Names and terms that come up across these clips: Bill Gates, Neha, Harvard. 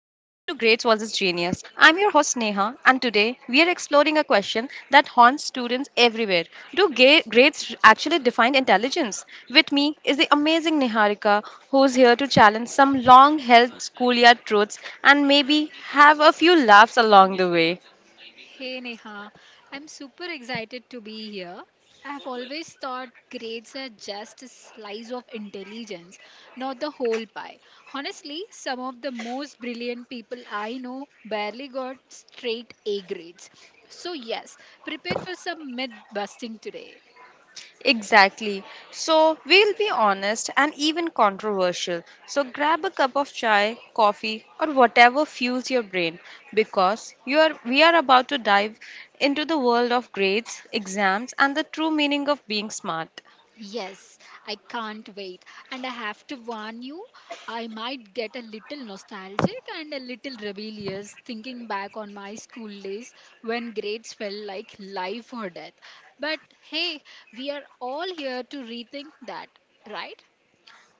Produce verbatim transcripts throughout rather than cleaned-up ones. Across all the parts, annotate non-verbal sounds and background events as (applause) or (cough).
and today we are exploring a question that haunts students everywhere. Do ga- grades actually define intelligence? With me is the amazing Niharika, who's here to challenge some long held schoolyard truths and maybe have a few laughs along the way. Hey Neha, I'm super excited to be here. I've always thought grades are just a slice of intelligence, not the whole pie. Honestly, some of the most brilliant people I know barely got straight A grades. So, yes, prepare for some myth busting today. Exactly. So we'll be honest and even controversial. So grab a cup of chai, coffee, or whatever fuels your brain because you are we are about to dive into the world of grades, exams, and the true meaning of being smart. Yes, I can't wait. And I have to warn you, I might get a little nostalgic and a little rebellious thinking back on my school days when grades felt like life or death. But hey, we are all here to rethink that, right?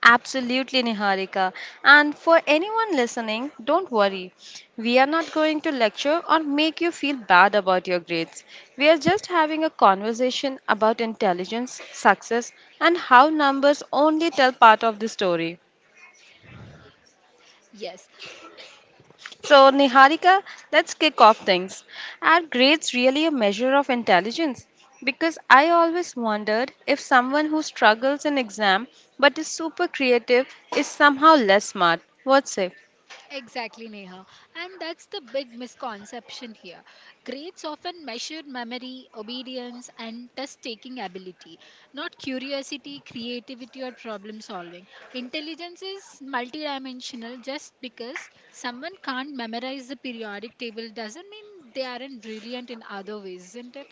Absolutely, Niharika. And for anyone listening, don't worry. We are not going to lecture or make you feel bad about your grades. We are just having a conversation about intelligence, success, and how numbers only tell part of the story. Yes. So, Niharika, let's kick off things. Are grades really a measure of intelligence? Because I always wondered if someone who struggles in exam but is super creative is somehow less smart. What say? Exactly, Neha. And that's the big misconception here. Grades often measure memory, obedience, and test taking ability, not curiosity, creativity, or problem solving. Intelligence is multidimensional. Just because someone can't memorize the periodic table doesn't mean they aren't brilliant in other ways, isn't it?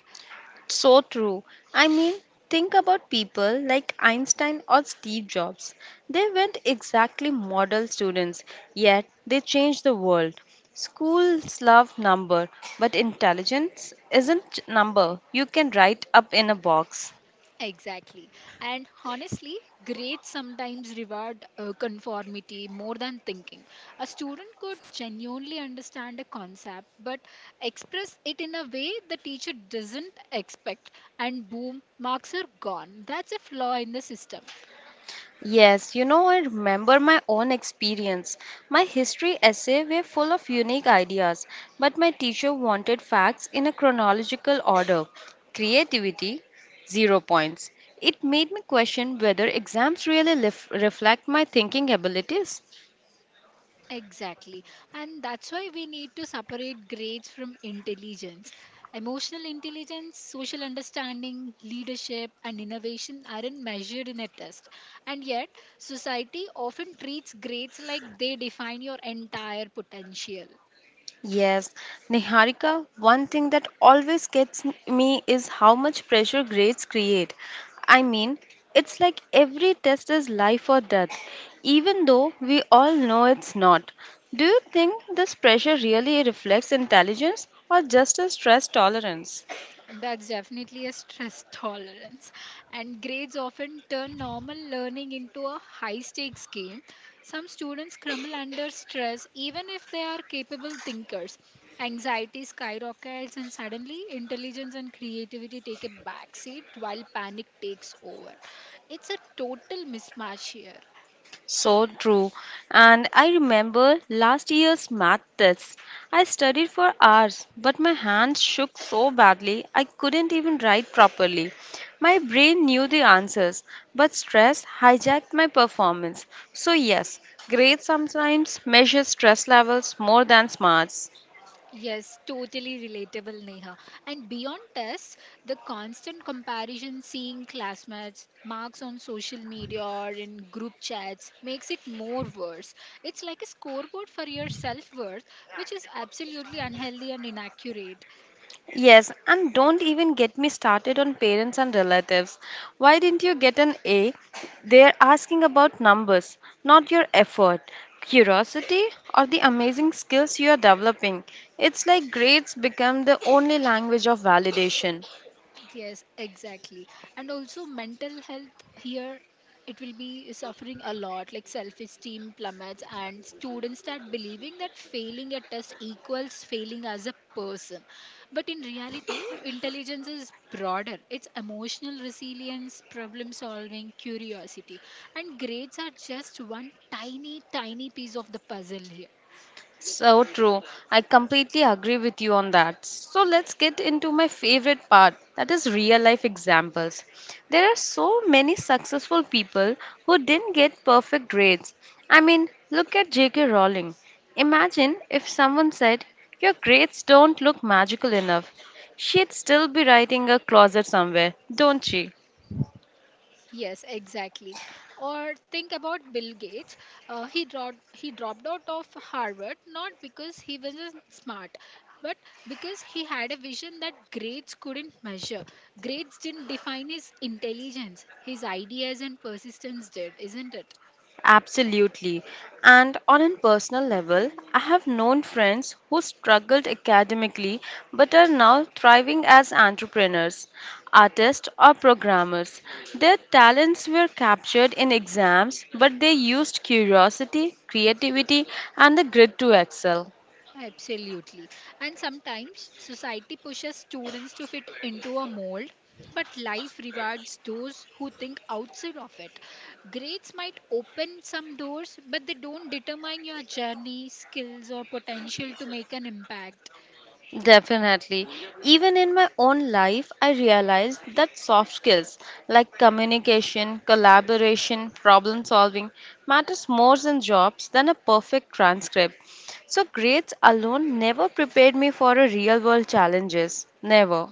So true. I mean, think about people like Einstein or Steve Jobs. They weren't exactly model students, yet they changed the world. Schools love number, but intelligence isn't number you can write up in a box. Exactly. And honestly, grades sometimes reward uh, conformity more than thinking. A student could genuinely understand a concept but express it in a way the teacher doesn't expect, and boom, marks are gone. That's a flaw in the system. Yes, you know, I remember my own experience. My history essay were full of unique ideas, but my teacher wanted facts in a chronological order. Creativity, zero points. It made me question whether exams really lef- reflect my thinking abilities. Exactly. And that's why we need to separate grades from intelligence. Emotional intelligence, social understanding, leadership, and innovation aren't measured in a test. And yet, society often treats grades like they define your entire potential. Yes, Niharika, one thing that always gets m- me is how much pressure grades create. I mean, it's like every test is life or death, even though we all know it's not. Do you think this pressure really reflects intelligence or just a stress tolerance? That's definitely a stress (laughs) tolerance. And grades often turn normal learning into a high stakes game. Some students crumble under stress even if they are capable thinkers. Anxiety skyrockets, and suddenly intelligence and creativity take a backseat while panic takes over. It's a total mismatch here. So true. And I remember last year's math test. I studied for hours, but my hands shook so badly I couldn't even write properly. My brain knew the answers, but stress hijacked my performance. So, yes, grades sometimes measure stress levels more than smarts. Yes, totally relatable, Neha. And beyond tests, the constant comparison seeing classmates' marks on social media or in group chats makes it more worse. It's like a scoreboard for your self worth, which is absolutely unhealthy and inaccurate. Yes, and don't even get me started on parents and relatives. Why didn't you get an A? They're asking about numbers, not your effort, curiosity, or the amazing skills you are developing. It's like grades become the only language of validation. Yes, exactly. And also, mental health here, it will be suffering a lot, like self esteem plummets, and students start believing that failing a test equals failing as a person. But in reality, intelligence is broader. It's emotional resilience, problem solving, curiosity. And grades are just one tiny, tiny piece of the puzzle here. So true. I completely agree with you on that. So let's get into my favorite part, that is real life examples. There are so many successful people who didn't get perfect grades. I mean, look at J K. Rowling. Imagine if someone said, "Your grades don't look magical enough." She'd still be writing a closet somewhere, don't she? Yes, exactly. Or think about Bill Gates. Uh, he dropped he dropped out of Harvard not because he wasn't smart, but because he had a vision that grades couldn't measure. Grades didn't define his intelligence. His ideas and persistence did, isn't it? Absolutely. And on a personal level, I have known friends who struggled academically but are now thriving as entrepreneurs, artists, or programmers. Their talents were captured in exams, but they used curiosity, creativity, and the grit to excel. Absolutely. And sometimes society pushes students to fit into a mold, but life rewards those who think outside of it. Grades might open some doors, but they don't determine your journey, skills, or potential to make an impact. Definitely. Even in my own life, I realized that soft skills like communication, collaboration, problem solving matters more in jobs than a perfect transcript. So grades alone never prepared me for a real world challenges. Never.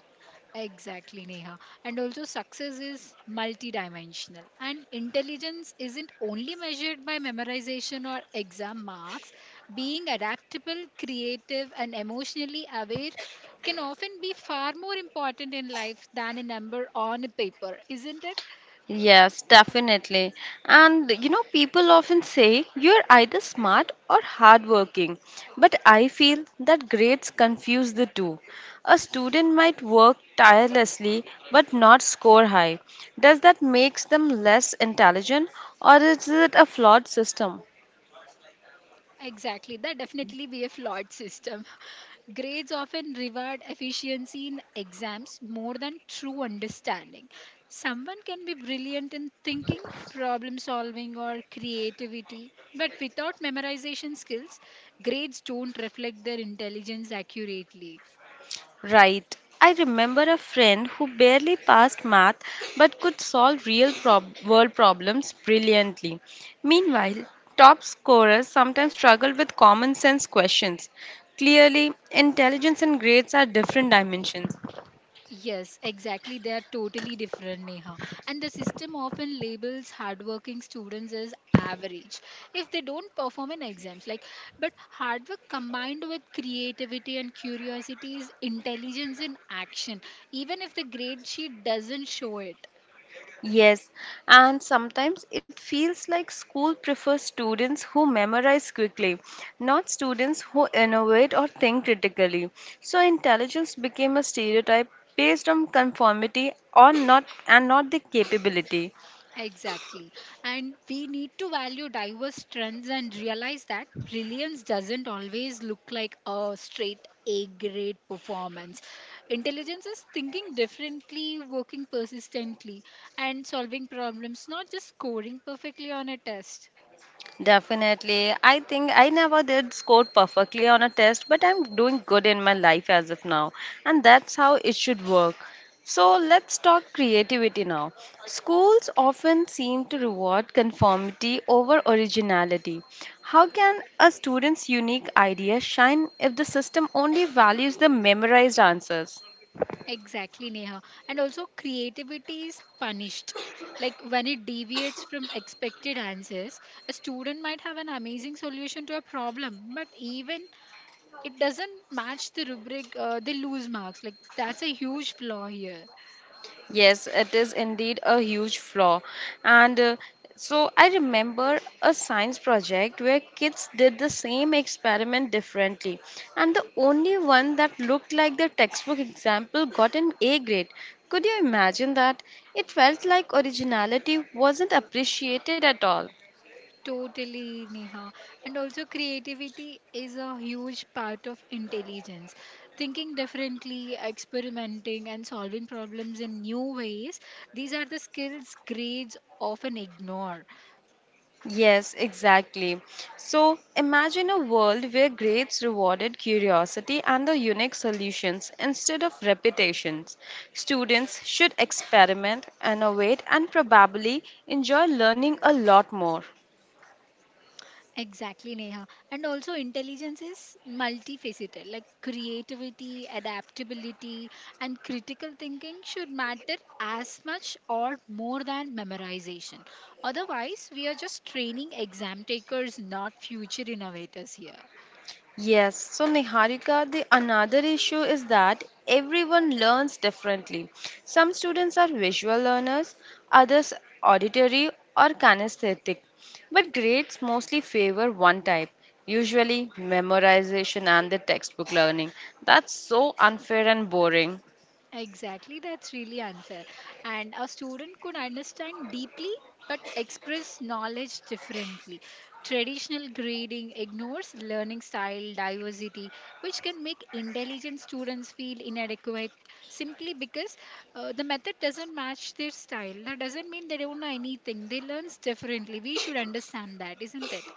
Exactly, Neha. And also, success is multidimensional. And intelligence isn't only measured by memorization or exam marks. Being adaptable, creative, and emotionally aware can often be far more important in life than a number on a paper, isn't it? Yes, definitely. And you know, people often say you're either smart or hardworking, but I feel that grades confuse the two. A student might work tirelessly but not score high. Does that makes them less intelligent or is it a flawed system? Exactly, that definitely be a flawed system. (laughs) Grades often reward efficiency in exams more than true understanding. Someone can be brilliant in thinking, problem solving, or creativity, but without memorization skills, grades don't reflect their intelligence accurately. Right. I remember a friend who barely passed math but could solve real prob- world problems brilliantly. Meanwhile, top scorers sometimes struggle with common sense questions. Clearly, intelligence and grades are different dimensions. Yes, exactly. They are totally different, Neha. And the system often labels hardworking students as average if they don't perform in exams. Like, but hard work combined with creativity and curiosity is intelligence in action, even if the grade sheet doesn't show it. Yes, and sometimes it feels like school prefers students who memorize quickly, not students who innovate or think critically. So intelligence became a stereotype based on conformity or not and not the capability. Exactly. And we need to value diverse strengths and realize that brilliance doesn't always look like a straight A grade performance. Intelligence is thinking differently, working persistently, and solving problems, not just scoring perfectly on a test. Definitely. I think I never did score perfectly on a test, but I'm doing good in my life as of now. And that's how it should work. So let's talk creativity now. Schools often seem to reward conformity over originality. How can a student's unique idea shine if the system only values the memorized answers? Exactly, Neha. And also, creativity is punished. Like when it deviates from expected answers, a student might have an amazing solution to a problem, but even it doesn't match the rubric, uh, they lose marks. Like, that's a huge flaw here. Yes, it is indeed a huge flaw. And uh, so I remember a science project where kids did the same experiment differently. And the only one that looked like the textbook example got an A grade. Could you imagine that? It felt like originality wasn't appreciated at all. Totally, Neha. And also, creativity is a huge part of intelligence. Thinking differently, experimenting, and solving problems in new ways, these are the skills grades often ignore. Yes, exactly. So imagine a world where grades rewarded curiosity and the unique solutions instead of repetitions. Students should experiment, innovate, and probably enjoy learning a lot more. Exactly, Neha. And also, intelligence is multifaceted, like creativity, adaptability, and critical thinking should matter as much or more than memorization. Otherwise, we are just training exam takers, not future innovators here. Yes, so Niharika, the another issue is that everyone learns differently. Some students are visual learners, others auditory or kinesthetic, but grades mostly favor one type, usually memorization and the textbook learning. That's so unfair and boring. Exactly, that's really unfair. And a student could understand deeply but express knowledge differently. Traditional grading ignores learning style diversity, which can make intelligent students feel inadequate simply because uh, the method doesn't match their style. That doesn't mean they don't know anything, they learn differently. We should understand that, isn't it?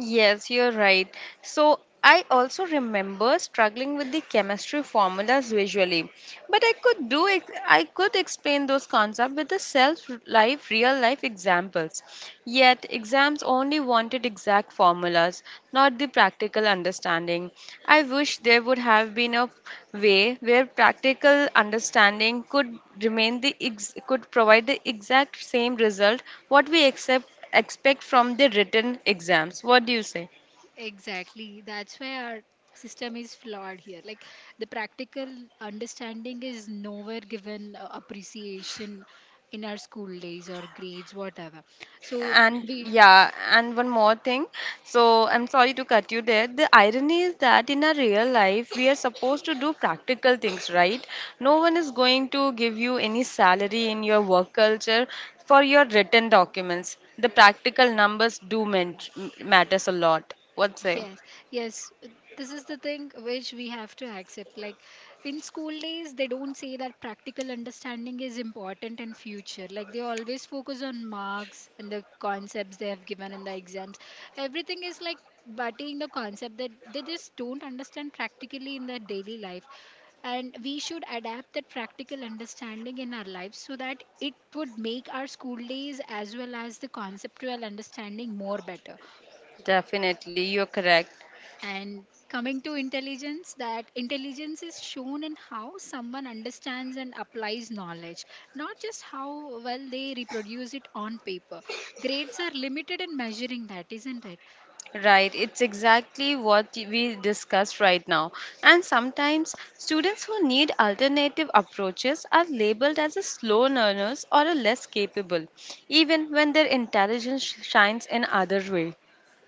Yes, you're right. So I also remember struggling with the chemistry formulas visually, but I could do ex- I could explain those concepts with the self life real life examples. Yet exams only wanted exact formulas, not the practical understanding. I wish there would have been a way where practical understanding could remain the ex- could provide the exact same result what we accept expect from the written exams. What do you say? Exactly. That's why our system is flawed here. Like, the practical understanding is nowhere given uh, appreciation in our school days or grades, whatever. So And we. yeah, and one more thing. So I'm sorry to cut you there. The irony is that in our real life, we are supposed to do practical things, right? No one is going to give you any salary in your work culture for your written documents. The practical numbers do men- matters a lot. What say? Yes, yes. uh, This is the thing which we have to accept. Like, in school days, they don't say that practical understanding is important in future. Like they always focus on marks and the concepts they have given in the exams. Everything is like butting the concept that they just don't understand practically in their daily life. And we should adapt that practical understanding in our lives so that it would make our school days as well as the conceptual understanding more better. Definitely, you're correct. And coming to intelligence, that intelligence is shown in how someone understands and applies knowledge, not just how well they reproduce it on paper. Grades are limited in measuring that, isn't it? Right, it's exactly what we discussed right now. And sometimes students who need alternative approaches are labeled as a slow learners or a less capable, even when their intelligence shines in other way.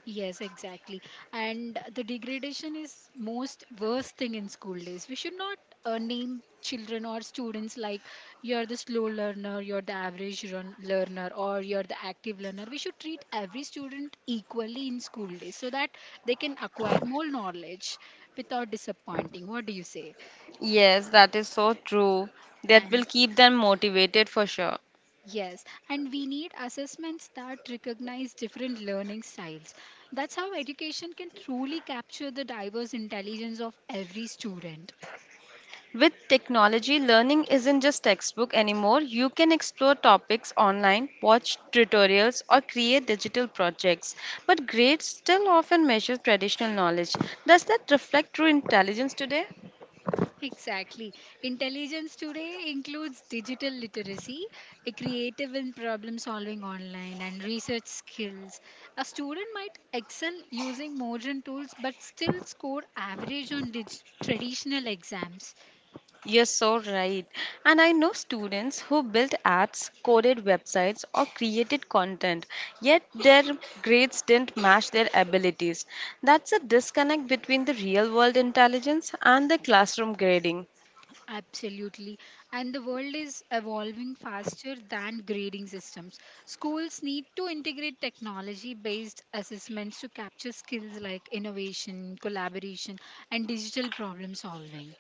Yes, exactly. And the degradation is most worst thing in school days. We should not uh, name children or students like, you're the slow learner, you're the average run- learner, or you're the active learner. We should treat every student equally in school days so that they can acquire more knowledge without disappointing. What do you say? Yes, that is so true. That will And. keep them motivated for sure. Yes, and we need assessments that recognize different learning styles. That's how education can truly capture the diverse intelligence of every student. With technology, learning isn't just textbook anymore. You can explore topics online, watch tutorials, or create digital projects. But grades still often measure traditional knowledge. Does that reflect true intelligence today? Exactly. Intelligence today includes digital literacy, a creative and problem solving online, and research skills. A student might excel using modern tools but still score average on dig- traditional exams. You're so right. And I know students who built apps, coded websites, or created content, yet their grades didn't match their abilities. That's a disconnect between the real world intelligence and the classroom grading. Absolutely. And the world is evolving faster than grading systems. Schools need to integrate technology based assessments to capture skills like innovation, collaboration, and digital problem solving.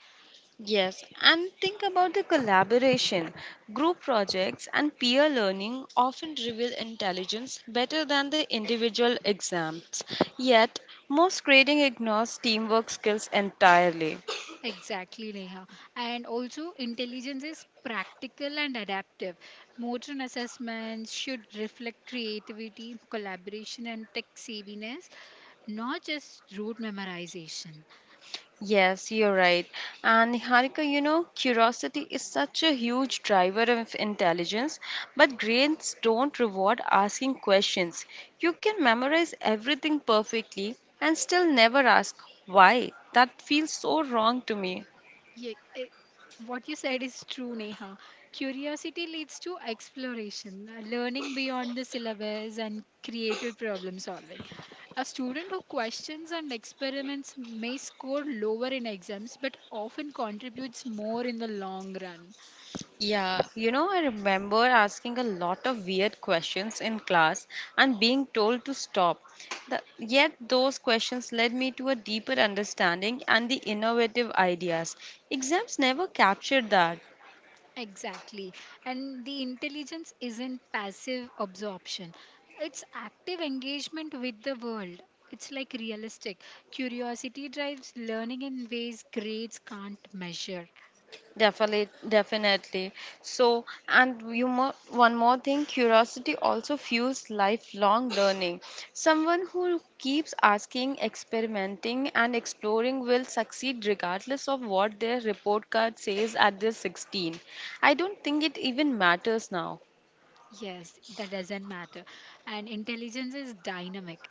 Yes, and think about the collaboration. Group projects and peer learning often reveal intelligence better than the individual exams. Yet, most grading ignores teamwork skills entirely. Exactly, Neha. And also, intelligence is practical and adaptive. Modern assessments should reflect creativity, collaboration, and tech savviness, not just rote memorization. Yes, you're right. And Niharika, you know, curiosity is such a huge driver of intelligence, but grades don't reward asking questions. You can memorize everything perfectly and still never ask why. That feels so wrong to me. Yeah, eh, what you said is true, Neha. Curiosity leads to exploration, uh, learning beyond the syllabus, and creative problem solving. A student who questions and experiments may score lower in exams, but often contributes more in the long run. Yeah, you know, I remember asking a lot of weird questions in class and being told to stop. The, yet, those questions led me to a deeper understanding and the innovative ideas. Exams never captured that. Exactly. And the intelligence isn't passive absorption, it's active engagement with the world. It's like realistic. Curiosity drives learning in ways grades can't measure. Definitely, definitely. So, and you mo- one more thing, curiosity also fuels lifelong learning. Someone who keeps asking, experimenting, and exploring will succeed regardless of what their report card says at their sixteen. I don't think it even matters now. Yes, that doesn't matter. And intelligence is dynamic.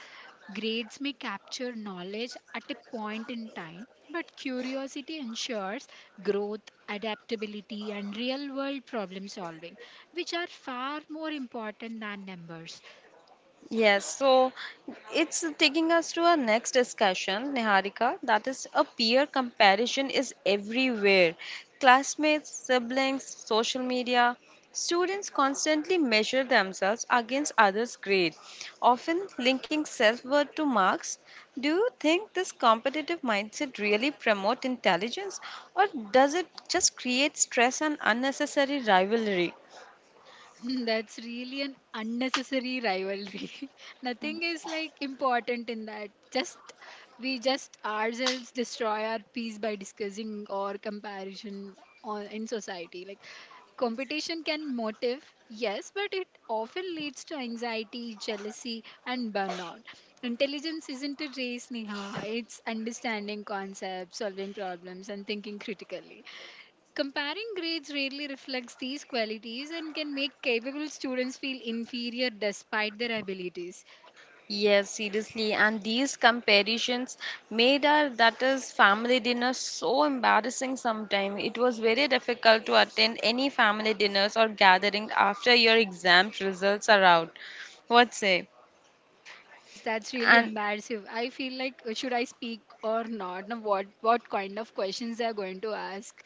Grades may capture knowledge at a point in time, but curiosity ensures growth, adaptability, and real world problem solving, which are far more important than numbers. Yes, so it's taking us to our next discussion, Niharika. That is, a peer comparison is everywhere. Classmates, siblings, social media. Students constantly measure themselves against others' grade, often linking self worth to marks. Do you think this competitive mindset really promotes intelligence, or does it just create stress and unnecessary rivalry? (laughs) Hmm, That's really an unnecessary rivalry. (laughs) Nothing is like important in that. Just we just ourselves destroy our peace by discussing or comparison on in society. Like, competition can motive, yes, but it often leads to anxiety, jealousy, and burnout. Intelligence isn't a race, Neha. It's understanding concepts, solving problems, and thinking critically. Comparing grades rarely reflects these qualities and can make capable students feel inferior despite their abilities. Yes, seriously. And these comparisons made our, that is, family dinner so embarrassing sometimes. It was very difficult to attend any family dinners or gathering after your exam results are out. What say? Yes, that's really And embarrassing. I feel like, uh, should I speak or not? Now what what kind of questions they are going to ask?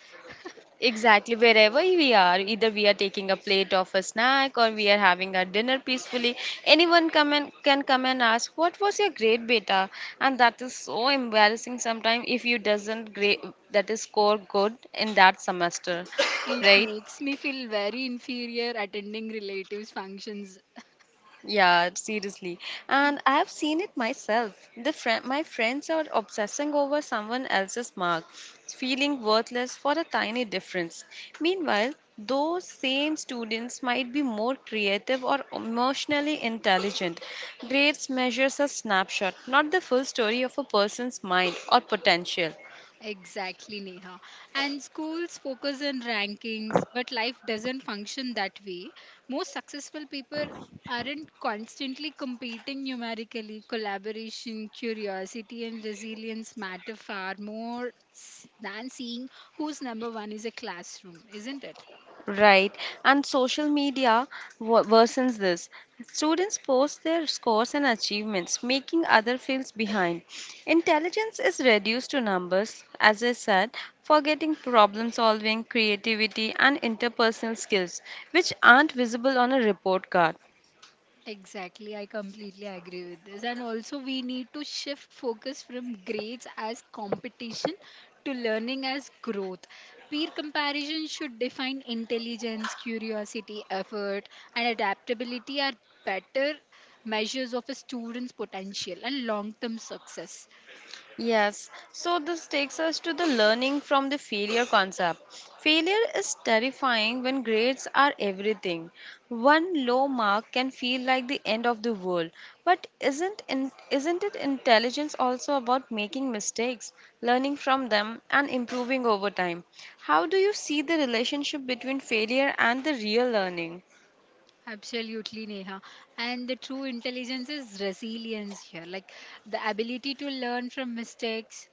Exactly, wherever we are, either we are taking a plate of a snack or we are having our dinner peacefully, anyone come and can come and ask, "What was your grade, beta?" And that is so embarrassing sometimes if you doesn't grade that is score good in that semester, It right? makes me feel very inferior attending relatives functions. Yeah, seriously. And I have seen it myself. The friend, my friends are obsessing over someone else's mark, feeling worthless for a tiny difference. Meanwhile, those same students might be more creative or emotionally intelligent. Grades measures a snapshot, not the full story of a person's mind or potential. Exactly, Neha. And schools focus on rankings, but life doesn't function that way. Most successful people aren't constantly competing numerically. Collaboration, curiosity, and resilience matter far more s- than seeing who's number one is a classroom, isn't it? Right, and social media wo- worsens this. Students post their scores and achievements, making other fields behind. Intelligence is reduced to numbers, as I said, forgetting problem solving, creativity, and interpersonal skills, which aren't visible on a report card. Exactly, I completely agree with this. And also, we need to shift focus from grades as competition to learning as growth. Peer comparison should define intelligence, curiosity, effort, and adaptability are better measures of a student's potential and long term success. Yes, so this takes us to the learning from the failure concept. Failure is terrifying when grades are everything. One low mark can feel like the end of the world. But isn't in, isn't it intelligence also about making mistakes, learning from them and improving over time? How do you see the relationship between failure and the real learning? Absolutely, Neha. And the true intelligence is resilience here, like the ability to learn from mistakes.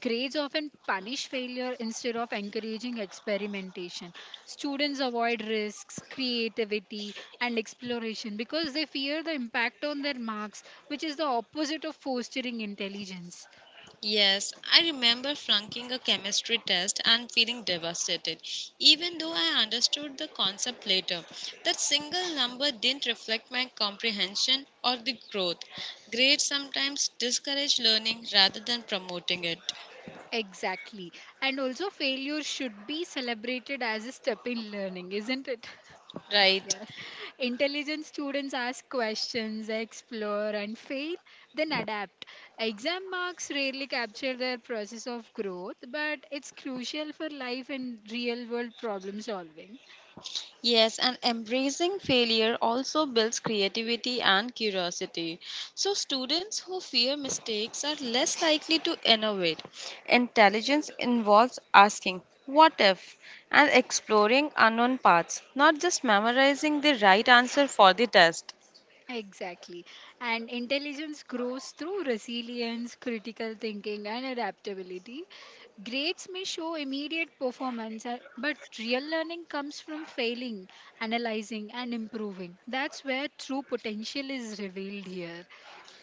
Grades often punish failure instead of encouraging experimentation. Students avoid risks, creativity, and exploration because they fear the impact on their marks, which is the opposite of fostering intelligence. Yes, I remember flunking a chemistry test and feeling devastated, even though I understood the concept later. That single number didn't reflect my comprehension or the growth. Grades sometimes discourage learning rather than promoting it. Exactly. And also, failure should be celebrated as a step in learning, isn't it? (laughs) Right. Yes. (laughs) Intelligent students ask questions, explore, and fail, then adapt. Exam marks rarely capture their process of growth, but it's crucial for life and real world problem solving. Yes, and embracing failure also builds creativity and curiosity. So, students who fear mistakes are less likely to innovate. Intelligence involves asking, "What if?" and exploring unknown paths, not just memorizing the right answer for the test. Exactly. And intelligence grows through resilience, critical thinking, and adaptability. Grades may show immediate performance, uh, but real learning comes from failing, analyzing, and improving. That's where true potential is revealed here.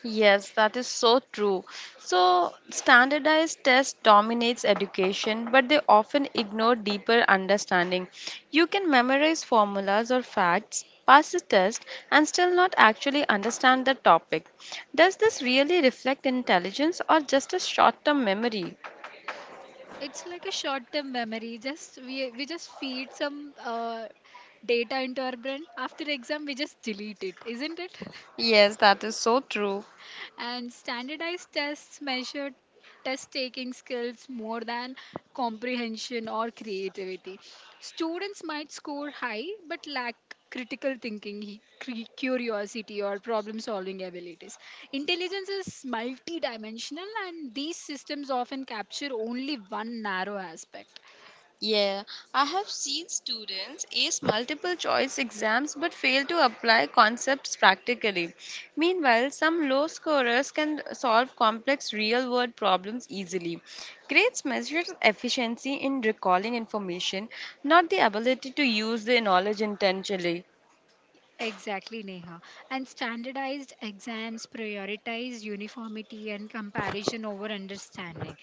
Yes, that is so true. So, standardized tests dominates education, but they often ignore deeper understanding. You can memorize formulas or facts, pass the test, and still not actually understand the topic. Does this really reflect intelligence or just a short-term memory? It's like a short term memory. Just we we just feed some uh, data into our brain, after exam we just delete it, isn't it? Yes, that is so true. (laughs) And standardized tests measure test taking skills more than comprehension or creativity. Students might score high but lack critical thinking, he- cre- curiosity or problem solving abilities. Intelligence is multidimensional and these systems often capture only one narrow aspect. Yeah, I have seen students ace multiple choice exams but fail to apply concepts practically. Meanwhile, some low scorers can solve complex real world problems easily. Grades measure efficiency in recalling information, not the ability to use the knowledge intentionally. Exactly, Neha. And standardized exams prioritize uniformity and comparison over understanding.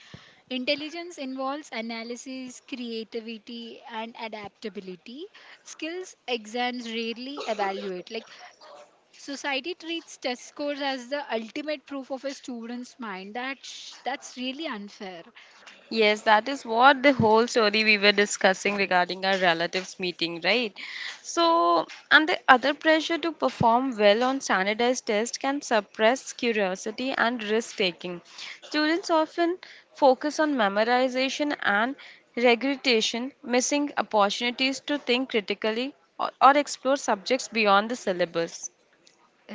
Intelligence involves analysis, creativity, and adaptability. Skills exams rarely evaluate. Like, society treats test scores as the ultimate proof of a student's mind. That's that's really unfair. Yes, that is what the whole story we were discussing regarding our relatives meeting, right? So, and the other pressure to perform well on standardized tests can suppress curiosity and risk taking. Students often focus on memorization and regurgitation, missing opportunities to think critically or, or explore subjects beyond the syllabus.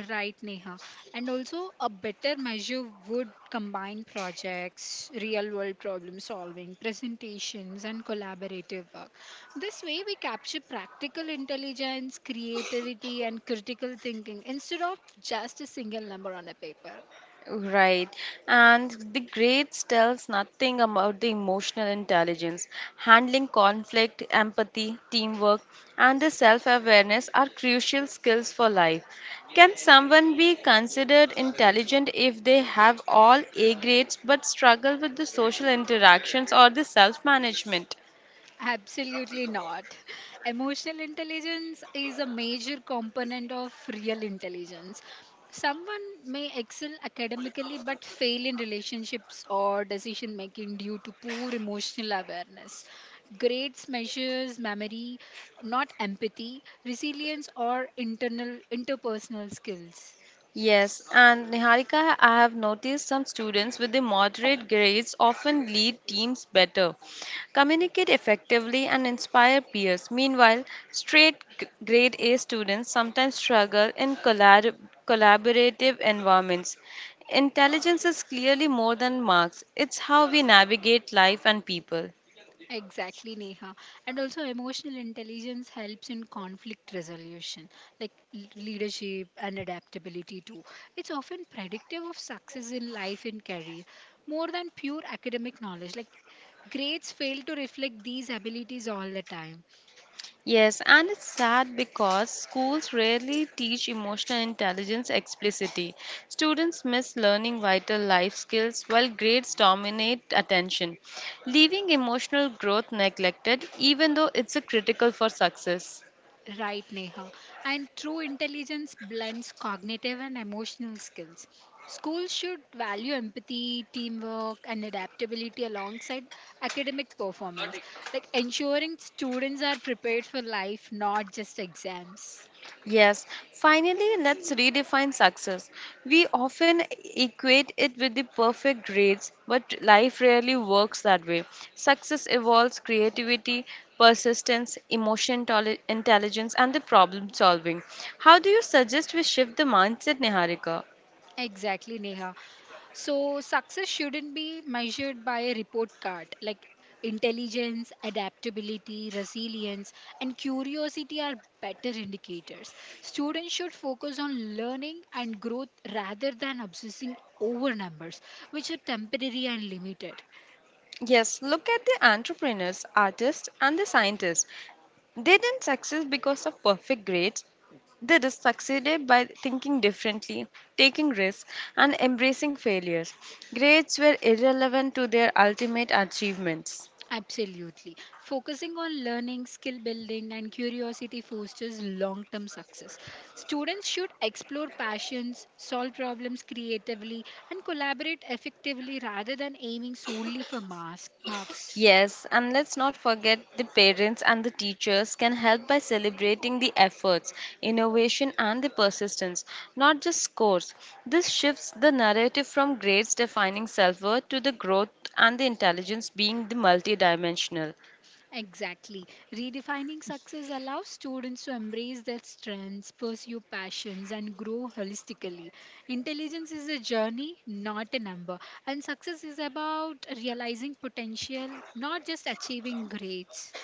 Right, Neha. And also, a better measure would combine projects, real world problem solving, presentations, and collaborative work. This way, we capture practical intelligence, creativity, and critical thinking instead of just a single number on a paper. Right. And the grades tells nothing about the emotional intelligence. Handling conflict, empathy, teamwork, and the self-awareness are crucial skills for life. Can someone be considered intelligent if they have all A grades but struggle with the social interactions or the self-management? Absolutely not. Emotional intelligence is a major component of real intelligence. Someone may excel academically but fail in relationships or decision making due to poor emotional awareness. Grades measures memory, not empathy, resilience, or internal interpersonal skills. Yes, and Niharika, I have noticed some students with the moderate grades often lead teams better, communicate effectively, and inspire peers. Meanwhile, straight g- grade A students sometimes struggle in collab- collaborative environments. Intelligence is clearly more than marks, it's how we navigate life and people. Exactly, Neha. And also, emotional intelligence helps in conflict resolution, like l- leadership and adaptability too. It's often predictive of success in life and career, more than pure academic knowledge. Like, grades fail to reflect these abilities all the time. Yes, and it's sad because schools rarely teach emotional intelligence explicitly. Students miss learning vital life skills while grades dominate attention, leaving emotional growth neglected, even though it's a critical for success. Right, Neha. And true intelligence blends cognitive and emotional skills. Schools should value empathy, teamwork, and adaptability alongside academic performance, like ensuring students are prepared for life, not just exams. Yes, finally, let's redefine success. We often equate it with the perfect grades, but life rarely works that way. Success involves creativity, persistence, emotion tol- intelligence, and the problem solving. How do you suggest we shift the mindset, Niharika? Exactly, Neha. So, success shouldn't be measured by a report card. Like, intelligence, adaptability, resilience, and curiosity are better indicators. Students should focus on learning and growth rather than obsessing over numbers, which are temporary and limited. Yes, look at the entrepreneurs, artists, and the scientists. They didn't succeed because of perfect grades. They just succeeded by thinking differently, taking risks, and embracing failures. Grades were irrelevant to their ultimate achievements. Absolutely. Focusing on learning, skill building, and curiosity fosters long term success. Students should explore passions, solve problems creatively, and collaborate effectively rather than aiming solely for mas- marks. Yes, and let's not forget the parents and the teachers can help by celebrating the efforts, innovation, and the persistence, not just scores. This shifts the narrative from grades defining self worth to the growth and the intelligence being the multidimensional. Exactly. Redefining success allows students to embrace their strengths, pursue passions, and grow holistically. Intelligence is a journey, not a number. And success is about realizing potential, not just achieving grades.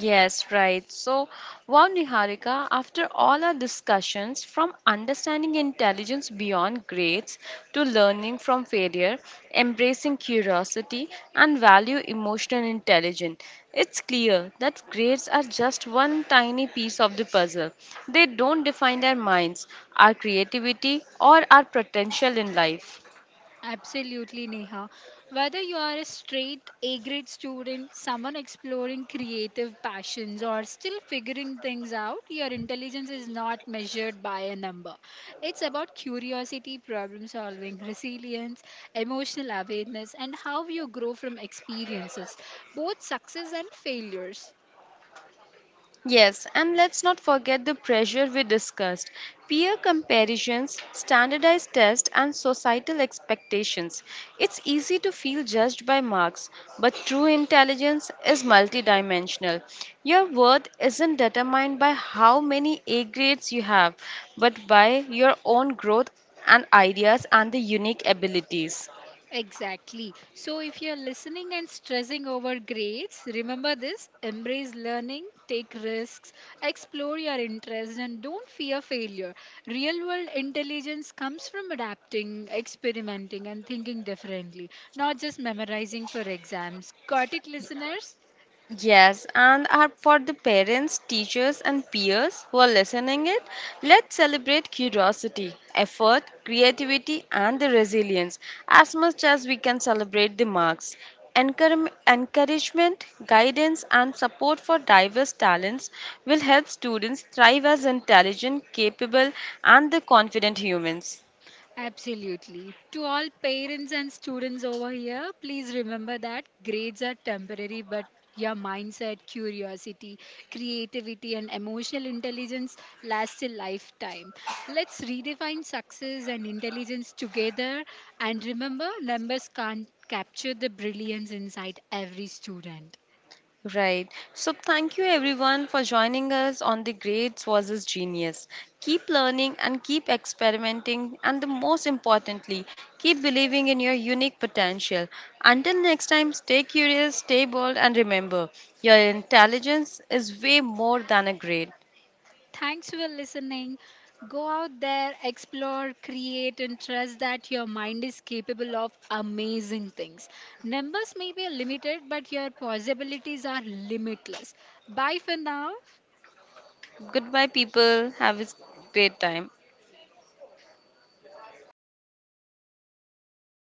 Yes, right. So, wow, Niharika, after all our discussions, from understanding intelligence beyond grades to learning from failure, embracing curiosity, and value emotional intelligence, it's clear that grades are just one tiny piece of the puzzle. They don't define our minds, our creativity, or our potential in life. Absolutely, Neha. Whether you are a straight A grade student, someone exploring creative passions, or still figuring things out, your intelligence is not measured by a number. It's about curiosity, problem solving, resilience, emotional awareness, and how you grow from experiences, both success and failures. Yes, and let's not forget the pressure we discussed peer comparisons, standardized tests, and societal expectations. It's easy to feel judged by marks, but true intelligence is multidimensional. Your worth isn't determined by how many A grades you have, but by your own growth and ideas and the unique abilities. Exactly. So if you're listening and stressing over grades, remember this, embrace learning, take risks, explore your interests, and don't fear failure. Real world intelligence comes from adapting, experimenting, and thinking differently, not just memorizing for exams. Got it, listeners? Yes, and are for the parents, teachers, and peers who are listening it, let's celebrate curiosity, effort, creativity, and the resilience as much as we can celebrate the marks. Encourage- Encouragement, guidance, and support for diverse talents will help students thrive as intelligent, capable, and the confident humans. Absolutely. To all parents and students over here, please remember that grades are temporary, but your mindset, curiosity, creativity, and emotional intelligence lasts a lifetime. Let's redefine success and intelligence together. And remember, numbers can't capture the brilliance inside every student. Right. So, thank you everyone for joining us on the Grades versus Genius. Keep learning and keep experimenting, and the most importantly, keep believing in your unique potential. Until next time, stay curious, stay bold, and remember your intelligence is way more than a grade. Thanks for listening. Go out there, explore, create, and trust that your mind is capable of amazing things. Numbers may be limited, but your possibilities are limitless. Bye for now. Goodbye, people. Have a great time.